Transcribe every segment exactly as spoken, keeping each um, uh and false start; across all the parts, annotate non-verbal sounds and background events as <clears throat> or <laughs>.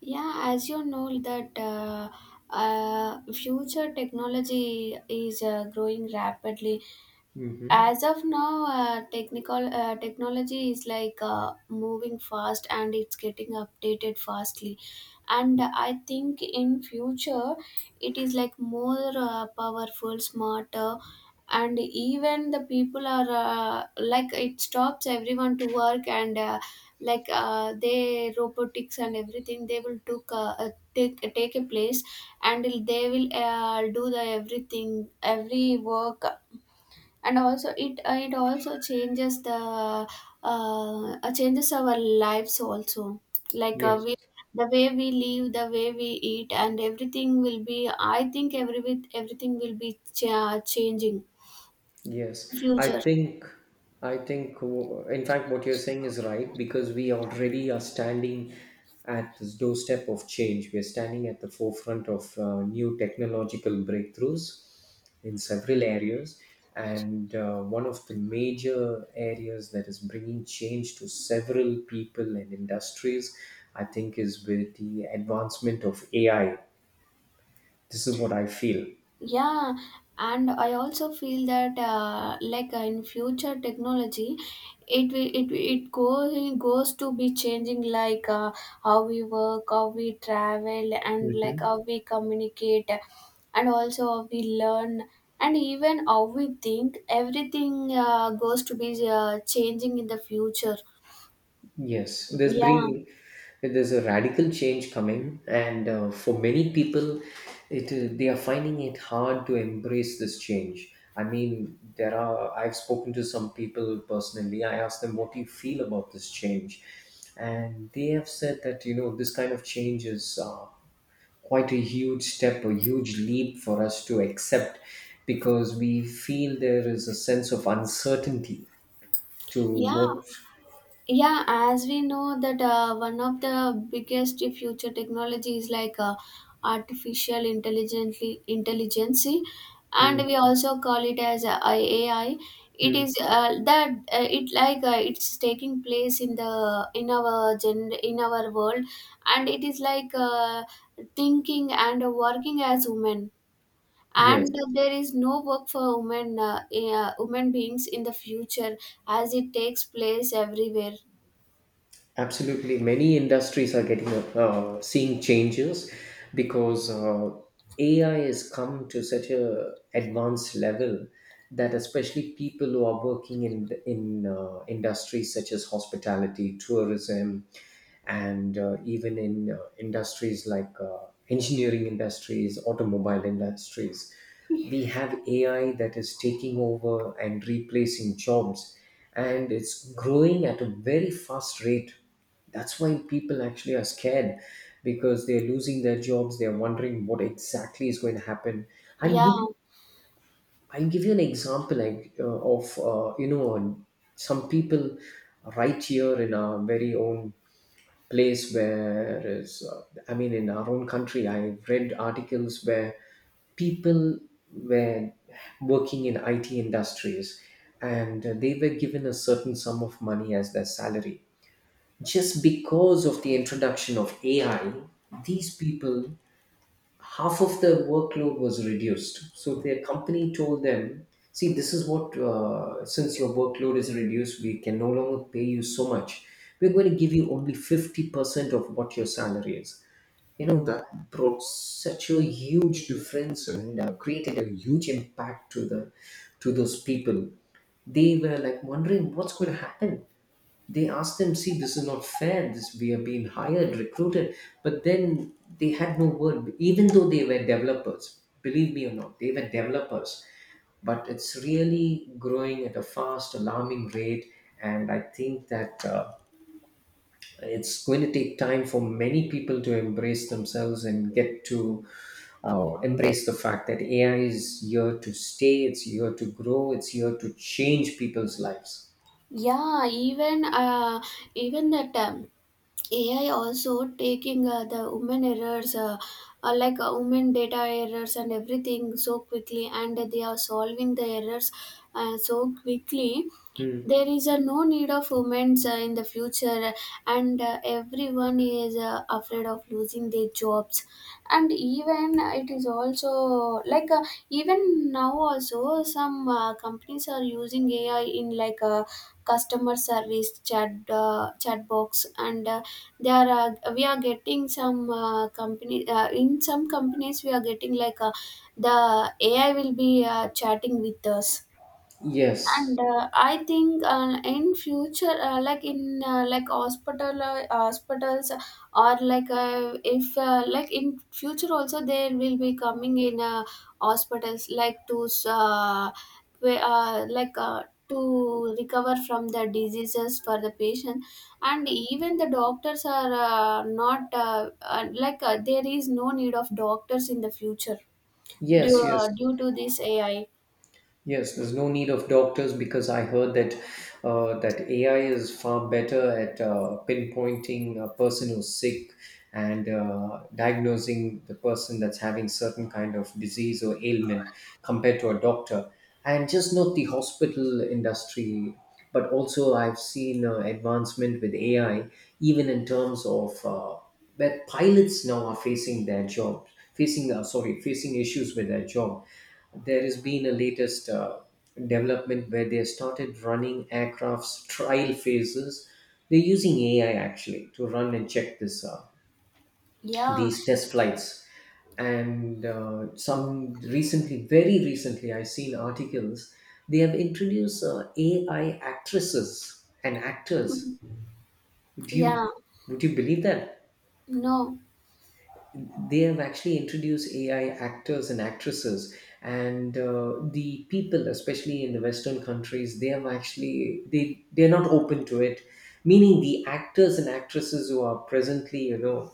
Yeah, as you know that uh, uh, future technology is uh, growing rapidly. Mm-hmm. As of now, uh, technical uh, technology is, like, uh, moving fast, and it's getting updated fastly. And I think in future it is, like, more uh, powerful, smarter. And even the people are, uh, like, it stops everyone to work. And uh, like, uh, they, robotics and everything, they will took uh, uh, take take a place. And they will uh, do the everything, every work. And also it uh, it also changes the uh, uh, changes our lives also. Like, uh, Yes, we, the way we live, the way we eat, and everything will be, I think, every with everything will be cha- changing yes. I future. think, I think, w- in fact, what you're saying is right because we already are standing at this doorstep of change. We're standing at the forefront of uh, new technological breakthroughs in several areas. And uh, one of the major areas that is bringing change to several people and industries, I think, is with the advancement of A I. This is what I feel. Yeah, and I also feel that, uh, like, uh, in future technology, it will it it go, goes to be changing, like, uh, how we work, how we travel, and like Hmm. how we communicate, and also how we learn, and even how we think. Everything uh, goes to be uh, changing in the future. Yes, there's Yeah, bring there's a radical change coming, and uh, for many people, it uh, they are finding it hard to embrace this change. I mean, there are I've spoken to some people personally. I asked them, "What do you feel about this change?" And they have said that you know this kind of change is uh, quite a huge step, a huge leap for us to accept, because we feel there is a sense of uncertainty to yeah. what. Yeah, as we know that, uh, one of the biggest future technology is, like, uh, artificial intelligently intelligence, and Mm, we also call it as uh, A I. It mm. is, uh, that uh, it like, uh, it's taking place in the in our gen in our world. And it is, like, uh, thinking and working as women, Yes. and there is no work for women uh, uh, women beings in the future, as it takes place everywhere. Absolutely, many industries are getting uh, seeing changes because uh, A I has come to such a advanced level that especially people who are working in in uh, industries such as hospitality, tourism, and uh, even in uh, industries like uh, engineering industries, automobile industries, we have A I that is taking over and replacing jobs, and it's growing at a very fast rate. That's why people actually are scared because they're losing their jobs. They're wondering what exactly is going to happen. i'll Yeah, give you I'll give you an example, like uh, of uh, you know, some people right here in our very own place where is uh, I mean in our own country. I've read articles where people were working in I T industries and they were given a certain sum of money as their salary. Just because of the introduction of A I, these people, half of their workload was reduced. So their company told them, see, this is what, uh, since your workload is reduced, we can no longer pay you so much. We're going to give you only fifty percent of what your salary is. You know, that brought such a huge difference and uh, created a huge impact to the to those people. They were like wondering what's going to happen. They asked them, see, this is not fair. This we are being hired, recruited, but then they had no word, even though they were developers. Believe me or not, they were developers. But it's really growing at a fast, alarming rate, and I think that uh, it's going to take time for many people to embrace themselves and get to uh, embrace the fact that A I is here to stay. It's here to grow. It's here to change people's lives. yeah. Even uh, even that, um, A I also taking uh, the women errors, uh, uh, like, uh, women data errors and everything so quickly, and they are solving the errors uh, so quickly. Hmm. There is a no need of women's uh, in the future. And uh, everyone is uh, afraid of losing their jobs. And even uh, it is also like, uh, even now also, some uh, companies are using ai in, like, a customer service chat uh, chat box. And uh, they are uh, we are getting some, uh, company uh, in some companies we are getting, like, uh, the ai will be uh, chatting with us. And Yes. uh, I think uh, in future, uh, like in, uh, like hospital uh, hospitals, or, like, uh, if, uh, like, in future also there will be coming in uh, hospitals, like to, uh, where, uh, like, uh, to recover from the diseases for the patient. And even the doctors are uh, not, uh, uh, like, uh, there is no need of doctors in the future Yes. due, uh, Yes. due to this A I. Yes, there's no need of doctors because I heard that uh, that A I is far better at uh, pinpointing a person who's sick and uh, diagnosing the person that's having certain kind of disease or ailment compared to a doctor. And just not the hospital industry, but also I've seen uh, advancement with A I even in terms of uh, where pilots now are facing their jobs, facing uh, sorry, facing issues with their job. There has been a latest uh, development where they started running aircraft's trial phases. They're using A I actually to run and check this uh, Yeah. these test flights. And uh, some recently, very recently, I've seen articles. They have introduced uh, A I actresses and actors. <laughs> Would Yeah. you would you believe that? No. They have actually introduced A I actors and actresses, and uh, the people, especially in the Western countries, they have actually they they're not open to it. Meaning the actors and actresses who are presently, you know,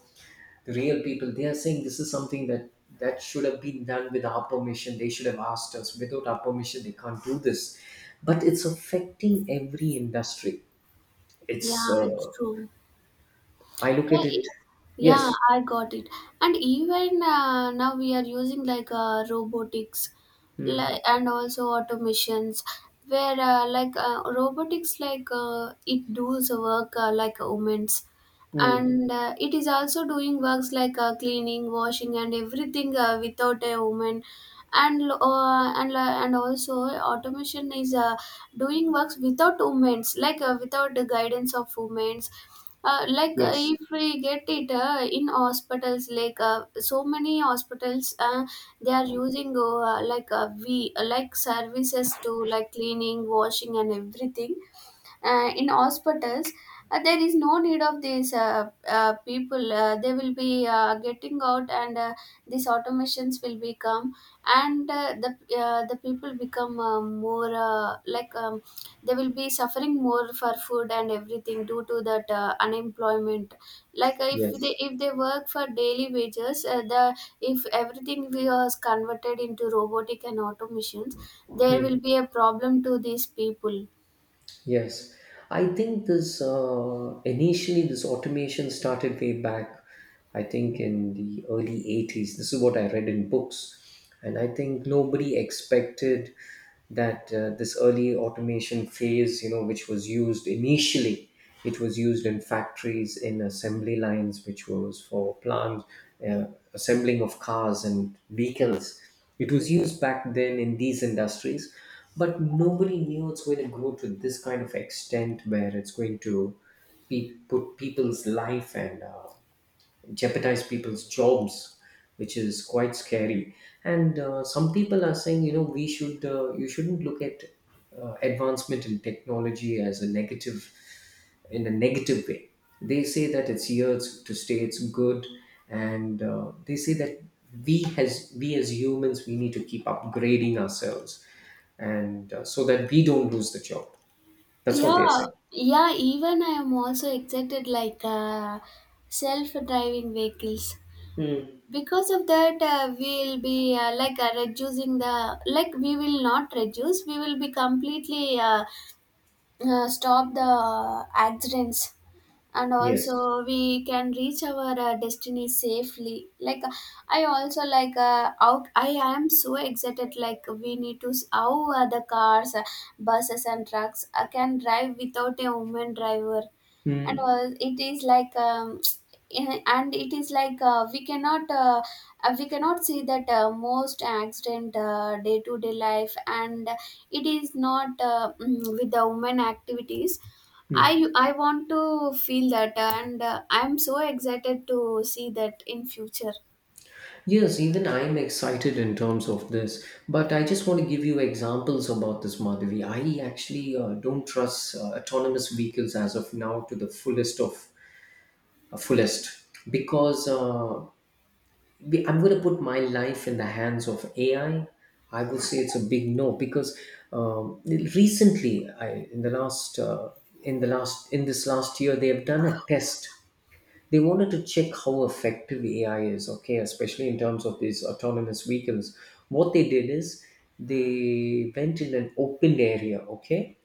the real people, they are saying this is something that that should have been done with our permission. They should have asked us. Without our permission, they can't do this. But it's affecting every industry. It's Yeah, uh, it's true. I look Yeah, at it. e- yeah, Yes. I got it. And even uh, now we are using, like, uh, robotics, Mm. like, and also automations, where uh, like, uh, robotics, like, uh, it does work uh, like humans. Mm. And uh, it is also doing works like, uh, cleaning, washing, and everything uh, without a woman. And lo- uh, and uh, and also automation is uh, doing works without women's, like, uh, without the guidance of women's. Uh, like, uh, Yes. if we get it uh, in hospitals, like, uh, so many hospitals uh, they are using, uh, like, uh, we, like, services to, like, cleaning, washing, and everything uh, in hospitals. Uh, there is no need of these uh, uh, people. Uh, they will be uh, getting out, and uh, these automations will become. And uh, the uh, the people become uh, more, uh, like, um, they will be suffering more for food and everything due to that uh, unemployment. Like, uh, if they Yes. if they work for daily wages, uh, the if everything was converted into robotic and automations, there Hmm. will be a problem to these people. Yes, I think this uh, initially this automation started way back. I think in the early eighties. This is what I read in books, and I think nobody expected that uh, this early automation phase, you know, which was used initially, it was used in factories, in assembly lines, which was for plant uh, assembling of cars and vehicles. It was used back then in these industries, but nobody knew it's going to grow to this kind of extent where it's going to pe- put people's life and uh, jeopardize people's jobs, which is quite scary. And uh, some people are saying, you know, we should uh, you shouldn't look at uh, advancement in technology as a negative, in a negative way. They say that it's here, it's to stay, it's good. And uh, they say that we as we as humans we need to keep upgrading ourselves, and uh, so that we don't lose the job. That's what they're Yeah, saying. yeah, even I am also excited, like, uh, self-driving vehicles. Hmm. Because of that, uh, we'll be, uh, like, uh, reducing the, like, we will not reduce, we will be completely uh, uh, stop the accidents. And Yes. also we can reach our uh, destiny safely, like, uh, I also, like uh, out I am so excited, like, we need to s- how uh, the cars, uh, buses, and trucks uh, can drive without a woman driver. And Mm. uh, it is, like, um, <sniffs> <tsk> in- and it is, like, uh, we cannot uh, uh, we cannot see that uh, most accident uh, day to day life, and it is not uh, <clears throat> mm, with the women activities. I I want to feel that, and uh, I'm so excited to see that in future. Yes, even I'm excited in terms of this, but I just want to give you examples about this, Madhavi. I actually uh, don't trust uh, autonomous vehicles as of now to the fullest of uh, fullest because uh, we- I'm going to put my life in the hands of A I. I I will say it's a big no because um, recently, I in the last uh, in the last in this last year, they have done a test. They wanted to check how effective A I is, okay, especially in terms of these autonomous vehicles. What they did is they went in an open area, okay,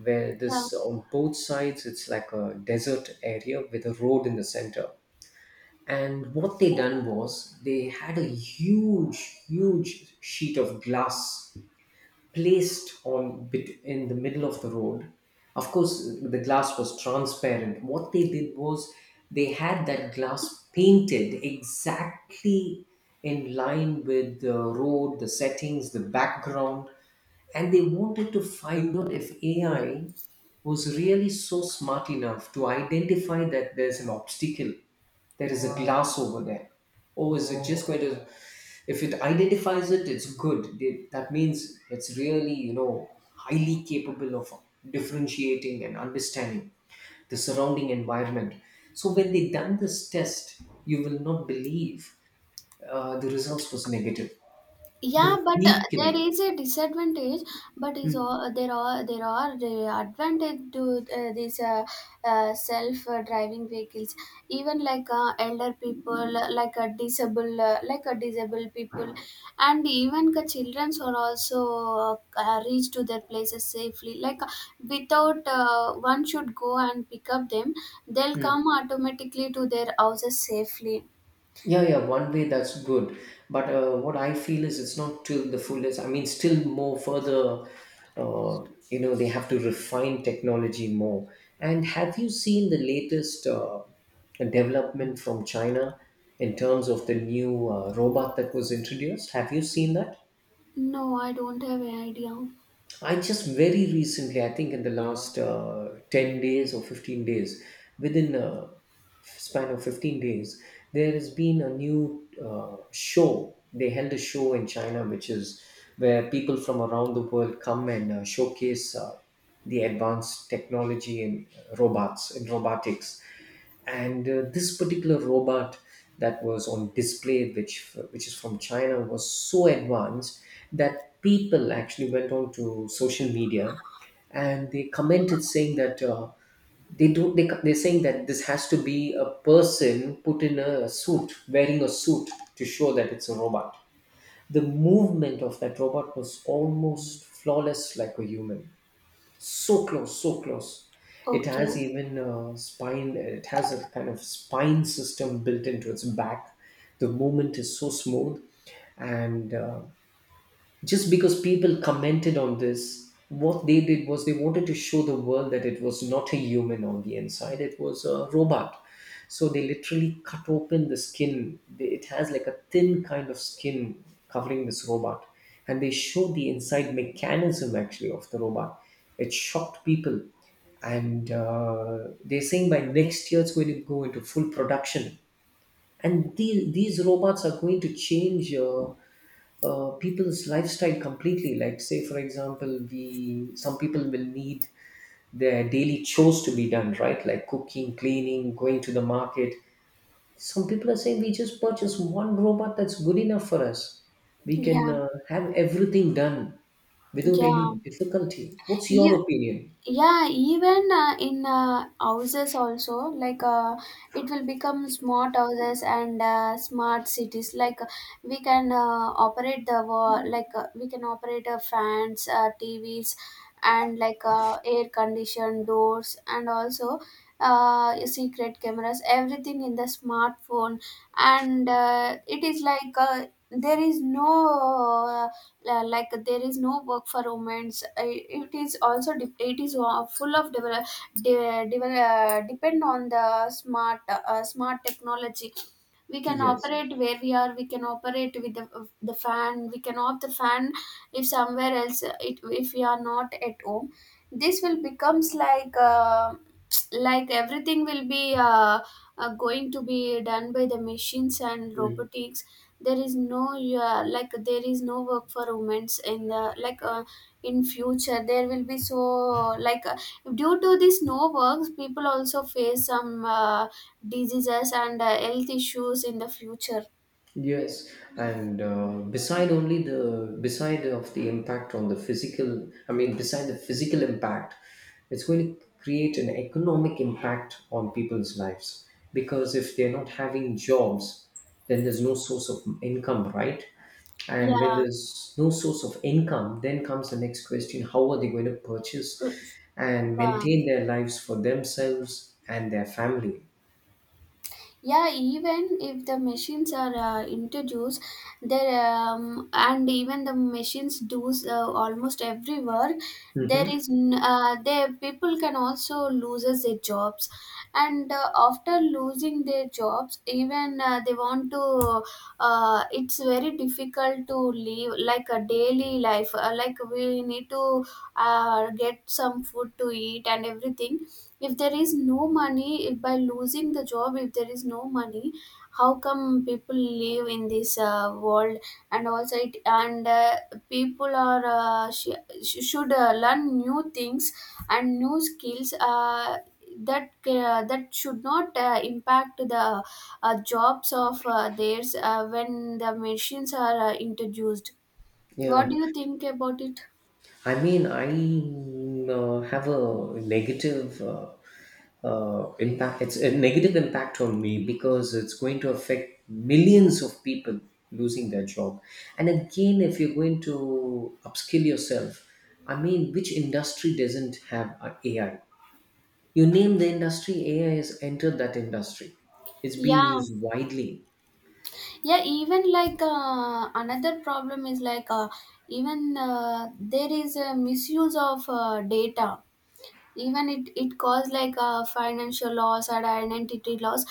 where Yeah. this on both sides it's like a desert area with a road in the center. And what they done was they had a huge, huge sheet of glass placed on bit in the middle of the road. Of course, the glass was transparent. What they did was they had that glass painted exactly in line with the road, the settings, the background, and they wanted to find out if A I was really so smart enough to identify that there's an obstacle, there is a glass over there. Oh, is it just going to? If it identifies it, it's good. They- That means it's really, you know, highly capable of differentiating and understanding the surrounding environment. So when they done this test, you will not believe uh, the results was negative. The Yeah, but uh, there vehicle. is a disadvantage, but is Mm, all, uh, there are there are the advantage to, uh, these uh, uh, self, uh, driving vehicles. Even, like, uh, elder people, uh, like a disabled, uh, like a disabled people, and even the children are also uh, reach to their places safely. Like, uh, without, uh, one should go and pick up them, they'll mm. come automatically to their houses safely. Yeah, yeah, one way that's good. But uh, what I feel is it's not till the fullest. I mean, still more further, uh, you know, they have to refine technology more. And have you seen the latest uh, development from China in terms of the new uh, robot that was introduced? Have you seen that? No, I don't have an idea. I just very recently, I think in the last uh, ten days or fifteen days, within a span of fifteen days, there has been a new uh, show. They held a show in China, which is where people from around the world come and uh, showcase uh, the advanced technology in robots, in robotics. And uh, this particular robot that was on display, which which is from China, was so advanced that people actually went on to social media and they commented saying that uh, they do they, they're saying that this has to be a person put in a suit, wearing a suit, to show that it's a robot. The movement of that robot was almost flawless, like a human, so close, so close. It Okay. has even uh, spine, it has a kind of spine system built into its back. The movement is so smooth. And uh, just because people commented on this, what they did was they wanted to show the world that it was not a human on the inside, it was a robot. So they literally cut open the skin. They- it has like a thin kind of skin covering this robot, and they showed the inside mechanism actually of the robot. It shocked people. And uh, they're saying by next year it's going to go into full production, and these, these robots are going to change uh, uh, people's lifestyle completely. Like, say, for example, we some people will need their daily chores to be done, right? Like cooking, cleaning, going to the market. Some people are saying we just purchase one robot that's good enough for us. We can Yeah. uh, have everything done without Yeah, any difficulty. What's your you, opinion? yeah, even uh, in uh, houses also, like, uh, it will become smart houses and uh, smart cities. Like, uh, we can uh, operate the wa- like, uh, we can operate uh, fans, uh, T Vs, and, like, uh, air conditioned doors, and also uh, secret cameras. Everything in the smartphone, and uh, it is, like, uh, there is no la- like, there is no work for women. It is also de- it is uh, full of develop, de- devel- uh, depend on the smart uh, smart technology. We can Yes. operate where we are, we can operate with the, the fan, we can off the fan if somewhere else, uh, it, if we are not at home. This will becomes, like, uh, like, everything will be uh, uh, going to be done by the machines and robotics. There is no, yeah, like, there is no work for women's in the, like, uh, in future there will be so, like, uh, due to this no works, people also face some uh, diseases and uh, health issues in the future. Yes, and uh, beside only the beside of the impact on the physical, I mean, beside the physical impact, it's going to create an economic impact on people's lives, because if they're not having jobs, then there's no source of income, right? And when Yeah. there's no source of income, then comes the next question: how are they going to purchase and Yeah. maintain their lives for themselves and their family? Yeah, even if the machines are uh, introduced, there um, and even the machines do uh, almost every work, there Hmm. is n- uh, there people can also loses their jobs. And uh, after losing their jobs, even uh, they want to uh, it's very difficult to live, like, a daily life. Uh, like, we need to uh, get some food to eat and everything. If there is no money, if by losing the job, if there is no money, how come people live in this uh, world? And also it and uh, people are, uh, sh- sh- should uh, learn new things and new skills, uh, that uh, that should not uh, impact the uh, jobs of uh, theirs uh, when the machines are uh, introduced. What Yeah. do you think about it? I mean, I mm, uh, have a negative uh, uh, impact. It's a negative impact on me because it's going to affect millions of people losing their job. And again, if you're going to upskill yourself, I mean, which industry doesn't have uh, a AI? You name the industry, A I has entered that industry. It's being Yeah. used widely. Yeah, even, like, uh, another problem is, like, uh, even uh, there is a misuse of uh, data. Even it it caused, like, a financial loss or identity loss.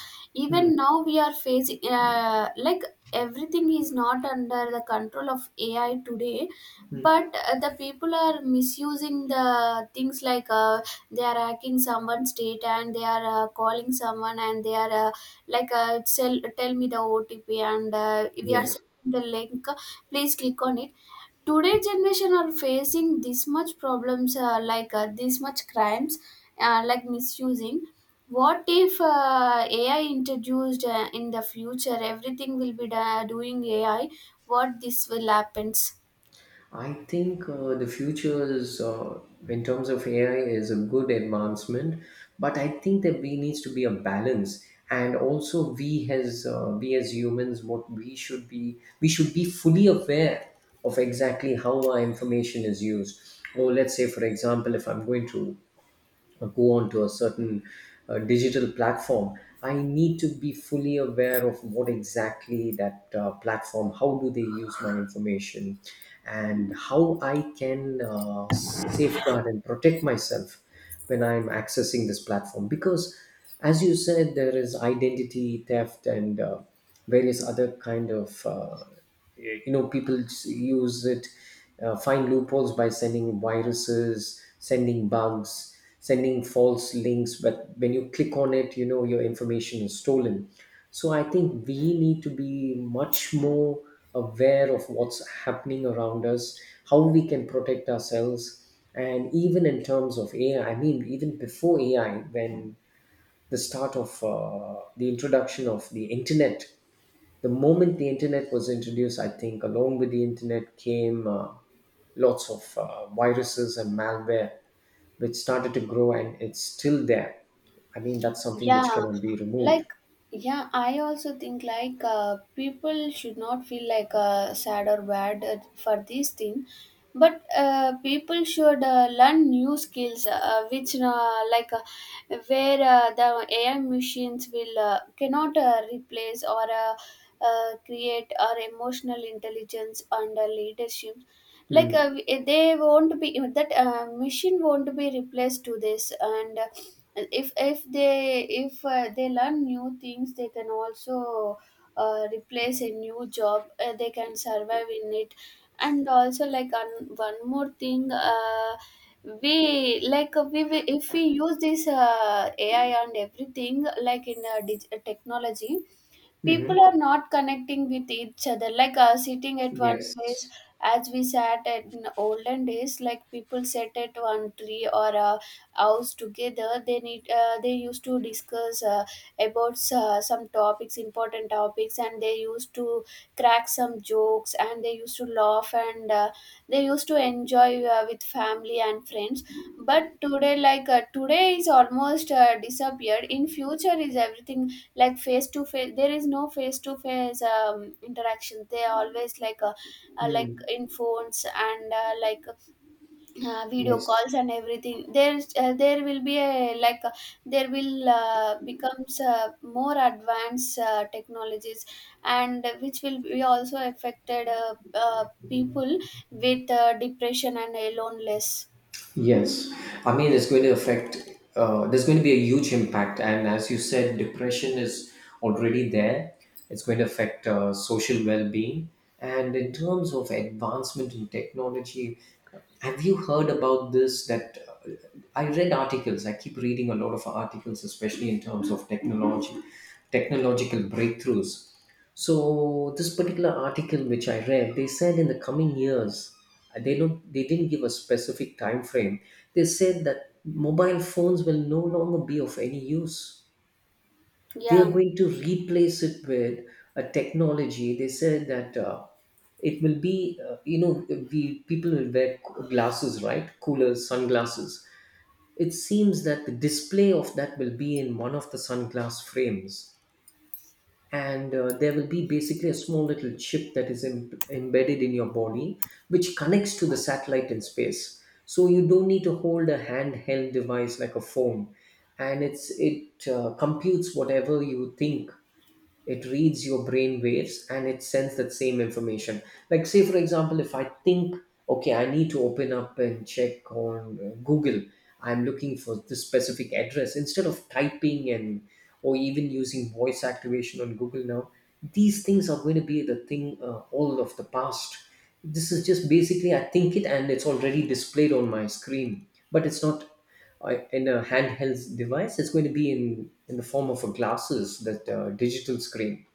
Hmm. Even now we are facing, uh, like, everything is not under the control of A I today. Hmm. But uh, the people are misusing the things, like, uh, they are hacking someone's data, and they are uh, calling someone, and they are uh, like, uh, sell, tell me the O T P, and uh, we are Yes. sending the link, please click on it. Today generation are facing this much problems, uh, like, uh, this much crimes, uh, like misusing. What if uh, A I introduced uh, in the future, everything will be da- doing A I, what this will happens? I think uh, the future is, uh, in terms of A I, is a good advancement, but I think that we needs to be a balance, and also we as uh, we as humans, what we should be, we should be fully aware of exactly how our information is used. Or let's say, for example, if I'm going to uh, go onto a certain uh, digital platform, I need to be fully aware of what exactly that uh, platform, how do they use my information, and how I can uh, safeguard and protect myself when I'm accessing this platform. Because, as you said, there is identity theft and uh, various other kind of uh, you know people s- use it, uh, find loopholes by sending viruses, sending bugs, sending false links. But when you click on it, you know, your information is stolen. So I think we need to be much more aware of what's happening around us, how we can protect ourselves. And even in terms of AI, i I mean, even before AI, when the start of uh, the introduction of the internet, the moment the internet was introduced, I think along with the internet came uh, lots of uh, viruses and malware, which started to grow, and it's still there. I mean, that's something Yeah, which cannot be removed. like, yeah, I also think, like, uh, people should not feel, like, uh, sad or bad uh, for this thing. But uh, people should uh, learn new skills, uh, which, uh, like, uh, where uh, the A I machines will uh, cannot uh, replace or uh, uh, create or emotional intelligence under leadership. Like, Mm. uh, w- they won't be, eh, that uh, machine won't be replaced to this. And uh, if if they if uh, they learn new things, they can also uh, replace a new job, uh, they can survive in it. And also, like, on, one more thing. Uh, we like uh, we we- if we use this uh, A I and everything, like, in uh, dig- uh, technology, Hmm. people are not connecting with each other, like, uh, sitting at one place. Yes. As we sat in olden days, like, people sat at one tree or a house together, they need uh, they used to discuss uh, about uh, some topics, important topics, and they used to crack some jokes and they used to laugh, and uh, they used to enjoy uh, with family and friends. But today, like, uh, today is almost uh, disappeared in future is everything. Like face to face, there is no face to face um interaction. They always, like, uh, uh, like, Mm. in phones and, uh, like, uh, video Yes. calls and everything, there's uh, there will be a like uh, there will uh, becomes uh, more advanced uh, technologies, and which will be also affected uh, uh, people with uh, depression and uh, loneliness. Yes, I mean it's going to affect. Uh, there's going to be a huge impact, and as you said, depression is already there. It's going to affect uh, social well-being, and in terms of advancement in technology, have you heard about this? That uh, I read articles. I keep reading a lot of articles, especially in terms of technology, technological breakthroughs. So this particular article which I read, they said in the coming years, uh, they don't they didn't give a specific time frame. They said that mobile phones will no longer be of any use. They are Yeah. going to replace it with a technology. They said that uh, it will be, uh, you know we people will wear glasses, right? Coolers, sunglasses. It seems that the display of that will be in one of the sunglass frames, and uh, there will be basically a small little chip that is em- embedded in your body, which connects to the satellite in space, so you don't need to hold a handheld device like a phone. And it's it uh, computes whatever you think. It reads your brain waves and it sends that same information. Like, say for example, if I think, okay, I need to open up and check on uh, Google, I'm looking for this specific address, instead of typing and or even using voice activation on Google. Now these things are going to be the thing uh, all of the past. This is just basically I think it and it's already displayed on my screen, but it's not uh, in a handheld device. It's going to be in in the form of a glasses, that uh, digital screen.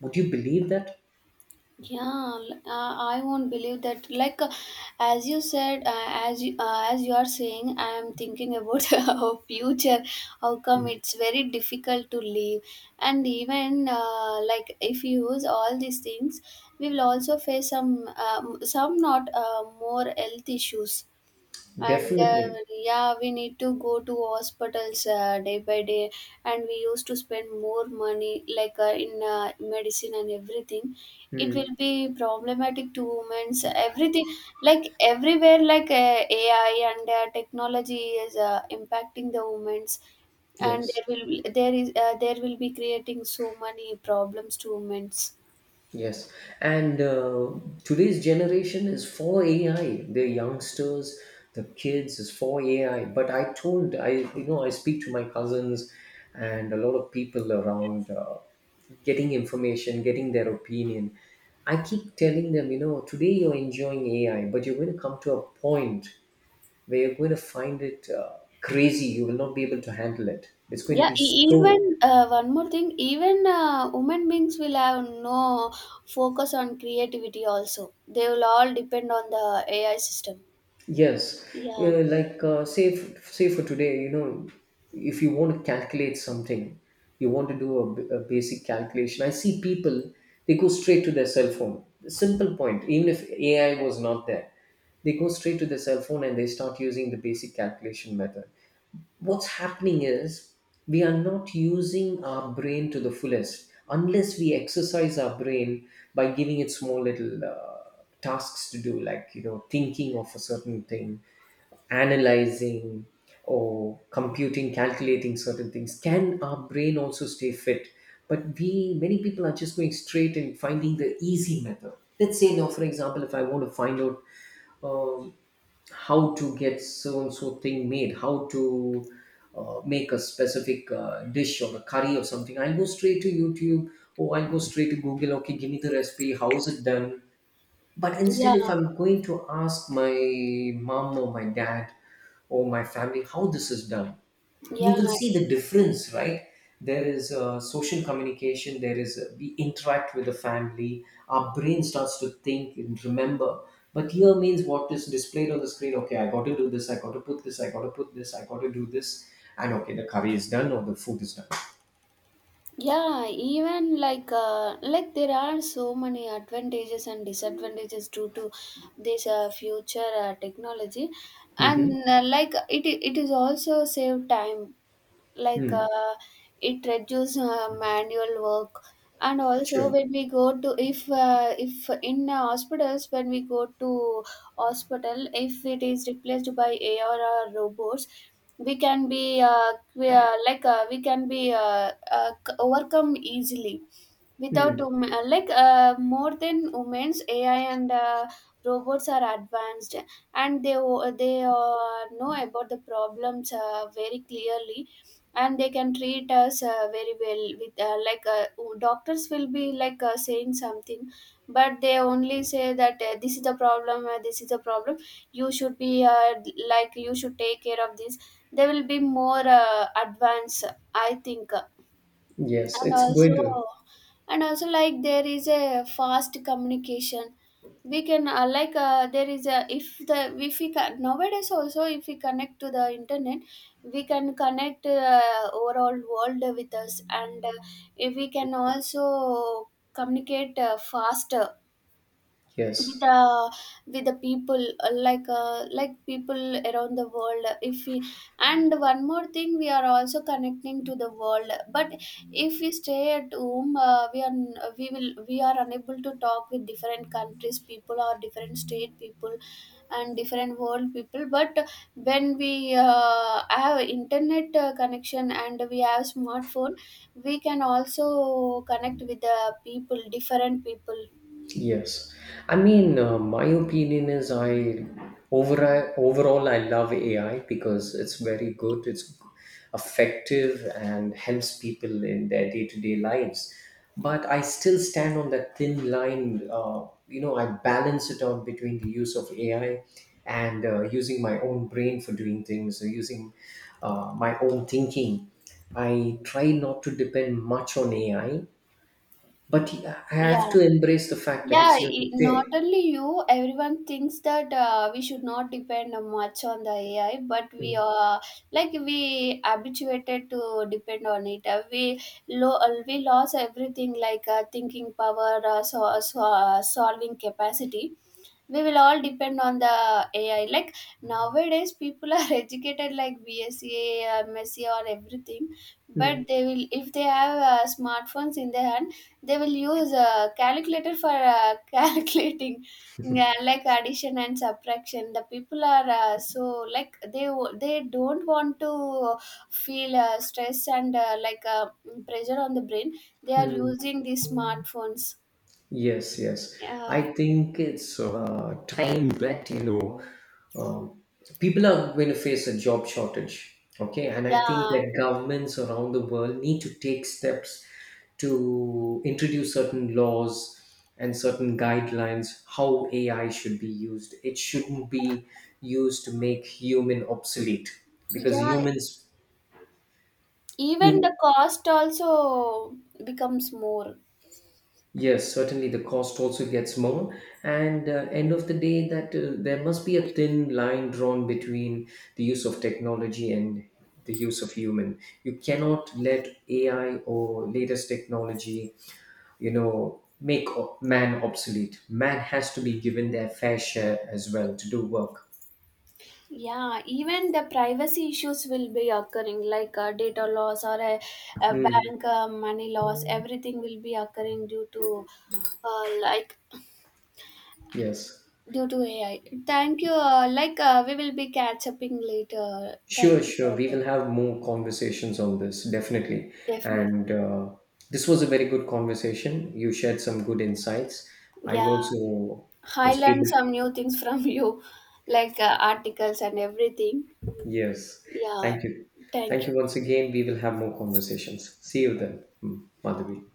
Would you believe that? yeah l- uh, I won't believe that, like uh, as you said, uh, as you uh, as you are saying, I am thinking about <laughs> our future. How come Mm. it's very difficult to leave? And even uh, like if you use all these things, we will also face some um, some not uh, more health issues. And uh, Definitely. yeah, we need to go to hospitals uh, day by day. And we used to spend more money, like uh, in uh, medicine and everything. It will Mm. be problematic to women's everything, like everywhere. Like uh, AI and uh, technology is uh, impacting the women's, and Yes. there will there is uh, there will be creating so many problems to women's. Yes. And uh, today's generation is for A I. The youngsters, the kids is for A I. But I told, I you know, I speak to my cousins and a lot of people around, uh, getting information, getting their opinion. I keep telling them, you know, today you're enjoying A I, but you're going to come to a point where you're going to find it uh, crazy. You will not be able to handle it. It's going to Yeah, be e- so. even uh, one more thing, even uh, women beings will have no focus on creativity also. They will all depend on the A I system. Yes, Yeah, uh, like uh, say f- say for today, you know, if you want to calculate something, you want to do a, b- a basic calculation. I see people, they go straight to their cell phone. Simple point. Even if A I was not there, they go straight to their cell phone and they start using the basic calculation method. What's happening is we are not using our brain to the fullest. Unless we exercise our brain by giving it small little uh, tasks to do, like, you know, thinking of a certain thing, analyzing or computing, calculating certain things, can our brain also stay fit. But we, many people are just going straight and finding the easy method. Let's say now, for example, if I want to find out, um, how to get so and so thing made, how to uh, make a specific uh, dish or a curry or something, I'll go straight to YouTube or I'll go straight to Google. Okay, give me the recipe. How is it done? But yeah, instead, if I'm going to ask my mom or my dad or my family how this is done, you yeah, will see the difference, right? There is uh, social communication. There is, uh, we interact with the family, our brain starts to think and remember. But here means what is displayed on the screen, okay, I got to do this, I got to put this, I got to put this, I got to do this, and okay, the curry is done or the food is done. yeah. Even like uh, like there are so many advantages and disadvantages due to this uh, future uh, technology. And Mm-hmm. uh, like it it is also save time, like Mm. uh, it reduces uh, manual work. And also Sure. when we go to, if uh, if in uh, hospitals, when we go to hospital, if it is replaced by AI or robots, we can be uh, we, uh, like uh, we can be, uh, uh, c- overcome easily. Without Mm. women uh, like uh, more than women's, AI and uh, robots are advanced, and they o- they uh, know about the problems uh, very clearly, and they can treat us uh, very well. With uh, like uh, doctors will be like uh, saying something, but they only say that uh, this is the problem, uh, this is the problem, you should be uh, like you should take care of this. They will be more uh, advanced, I think. Yes, And it's also, going to. and also, like there is a fast communication. We can uh, like uh, there is a, if the if we can, nowadays also, if we connect to the internet, we can connect uh, overall world with us. And uh, if we can also communicate uh, faster with Yes. the, with the people uh, like uh, like people around the world, if we. And one more thing, we are also connecting to the world, but if we stay at home, uh, we are n- we will, we are unable to talk with different countries people or different state people and different world people. But when we uh, have internet uh, connection and we have smartphone, we can also connect with the people, different people. Yes, I mean, uh, my opinion is I over overall I love A I because it's very good, it's effective, and helps people in their day to day lives. But I still stand on that thin line. Uh, you know, I balance it out between the use of A I and uh, using my own brain for doing things, or using uh, my own thinking. I try not to depend much on A I, but I have Yeah. to embrace the fact that it's Yeah, here i- to not stay. only you, everyone thinks that uh, we should not depend much on the A I, but we Mm, are like we habituated to depend on it. Uh, we lo- uh, we lost everything, like uh, thinking power, uh, so, so, uh, solving capacity. We will all depend on the A I. Like nowadays, people are <laughs> educated like B S c, uh, M S c, or everything, but mm, they will, if they have uh, smartphones in their hand, they will use a calculator for uh, <laughs> calculating, yeah, like addition and subtraction. The people are uh, so like they w- they don't want to feel uh, stress and uh, like uh, pressure on the brain. They are mm. using these smartphones. Yes, yes. Yeah, I think it's uh, time that, you know, um, people are going to face a job shortage. Okay, and yeah, I think that and- governments around the world need to take steps to introduce certain laws and certain guidelines how A I should be used. It shouldn't be used to make human obsolete, because yeah. humans Even the you. cost also becomes more. Yes, certainly the cost also gets more. And uh, end of the day, that uh, there must be a thin line drawn between the use of technology and the use of human. You cannot let A I or latest technology, you know, make o- man obsolete. Man has to be given their fair share as well to do work. Yeah, even the privacy issues will be occurring, like uh, data loss or a, a bank Mm, uh, money loss. Everything will be occurring due to, uh, like, yes. due to A I. Thank you. Uh, like, uh, we will be catch upping later. Sure, Thank you sure. for We the will have more conversations on this, definitely. definitely. And uh, this was a very good conversation. You shared some good insights. I Yeah, also I was learned able. some new things from <laughs> you, like uh, articles and everything. Yes. Yeah, Thank you. thank Thank you. you once again. We will have more conversations. See you then, Madhavi.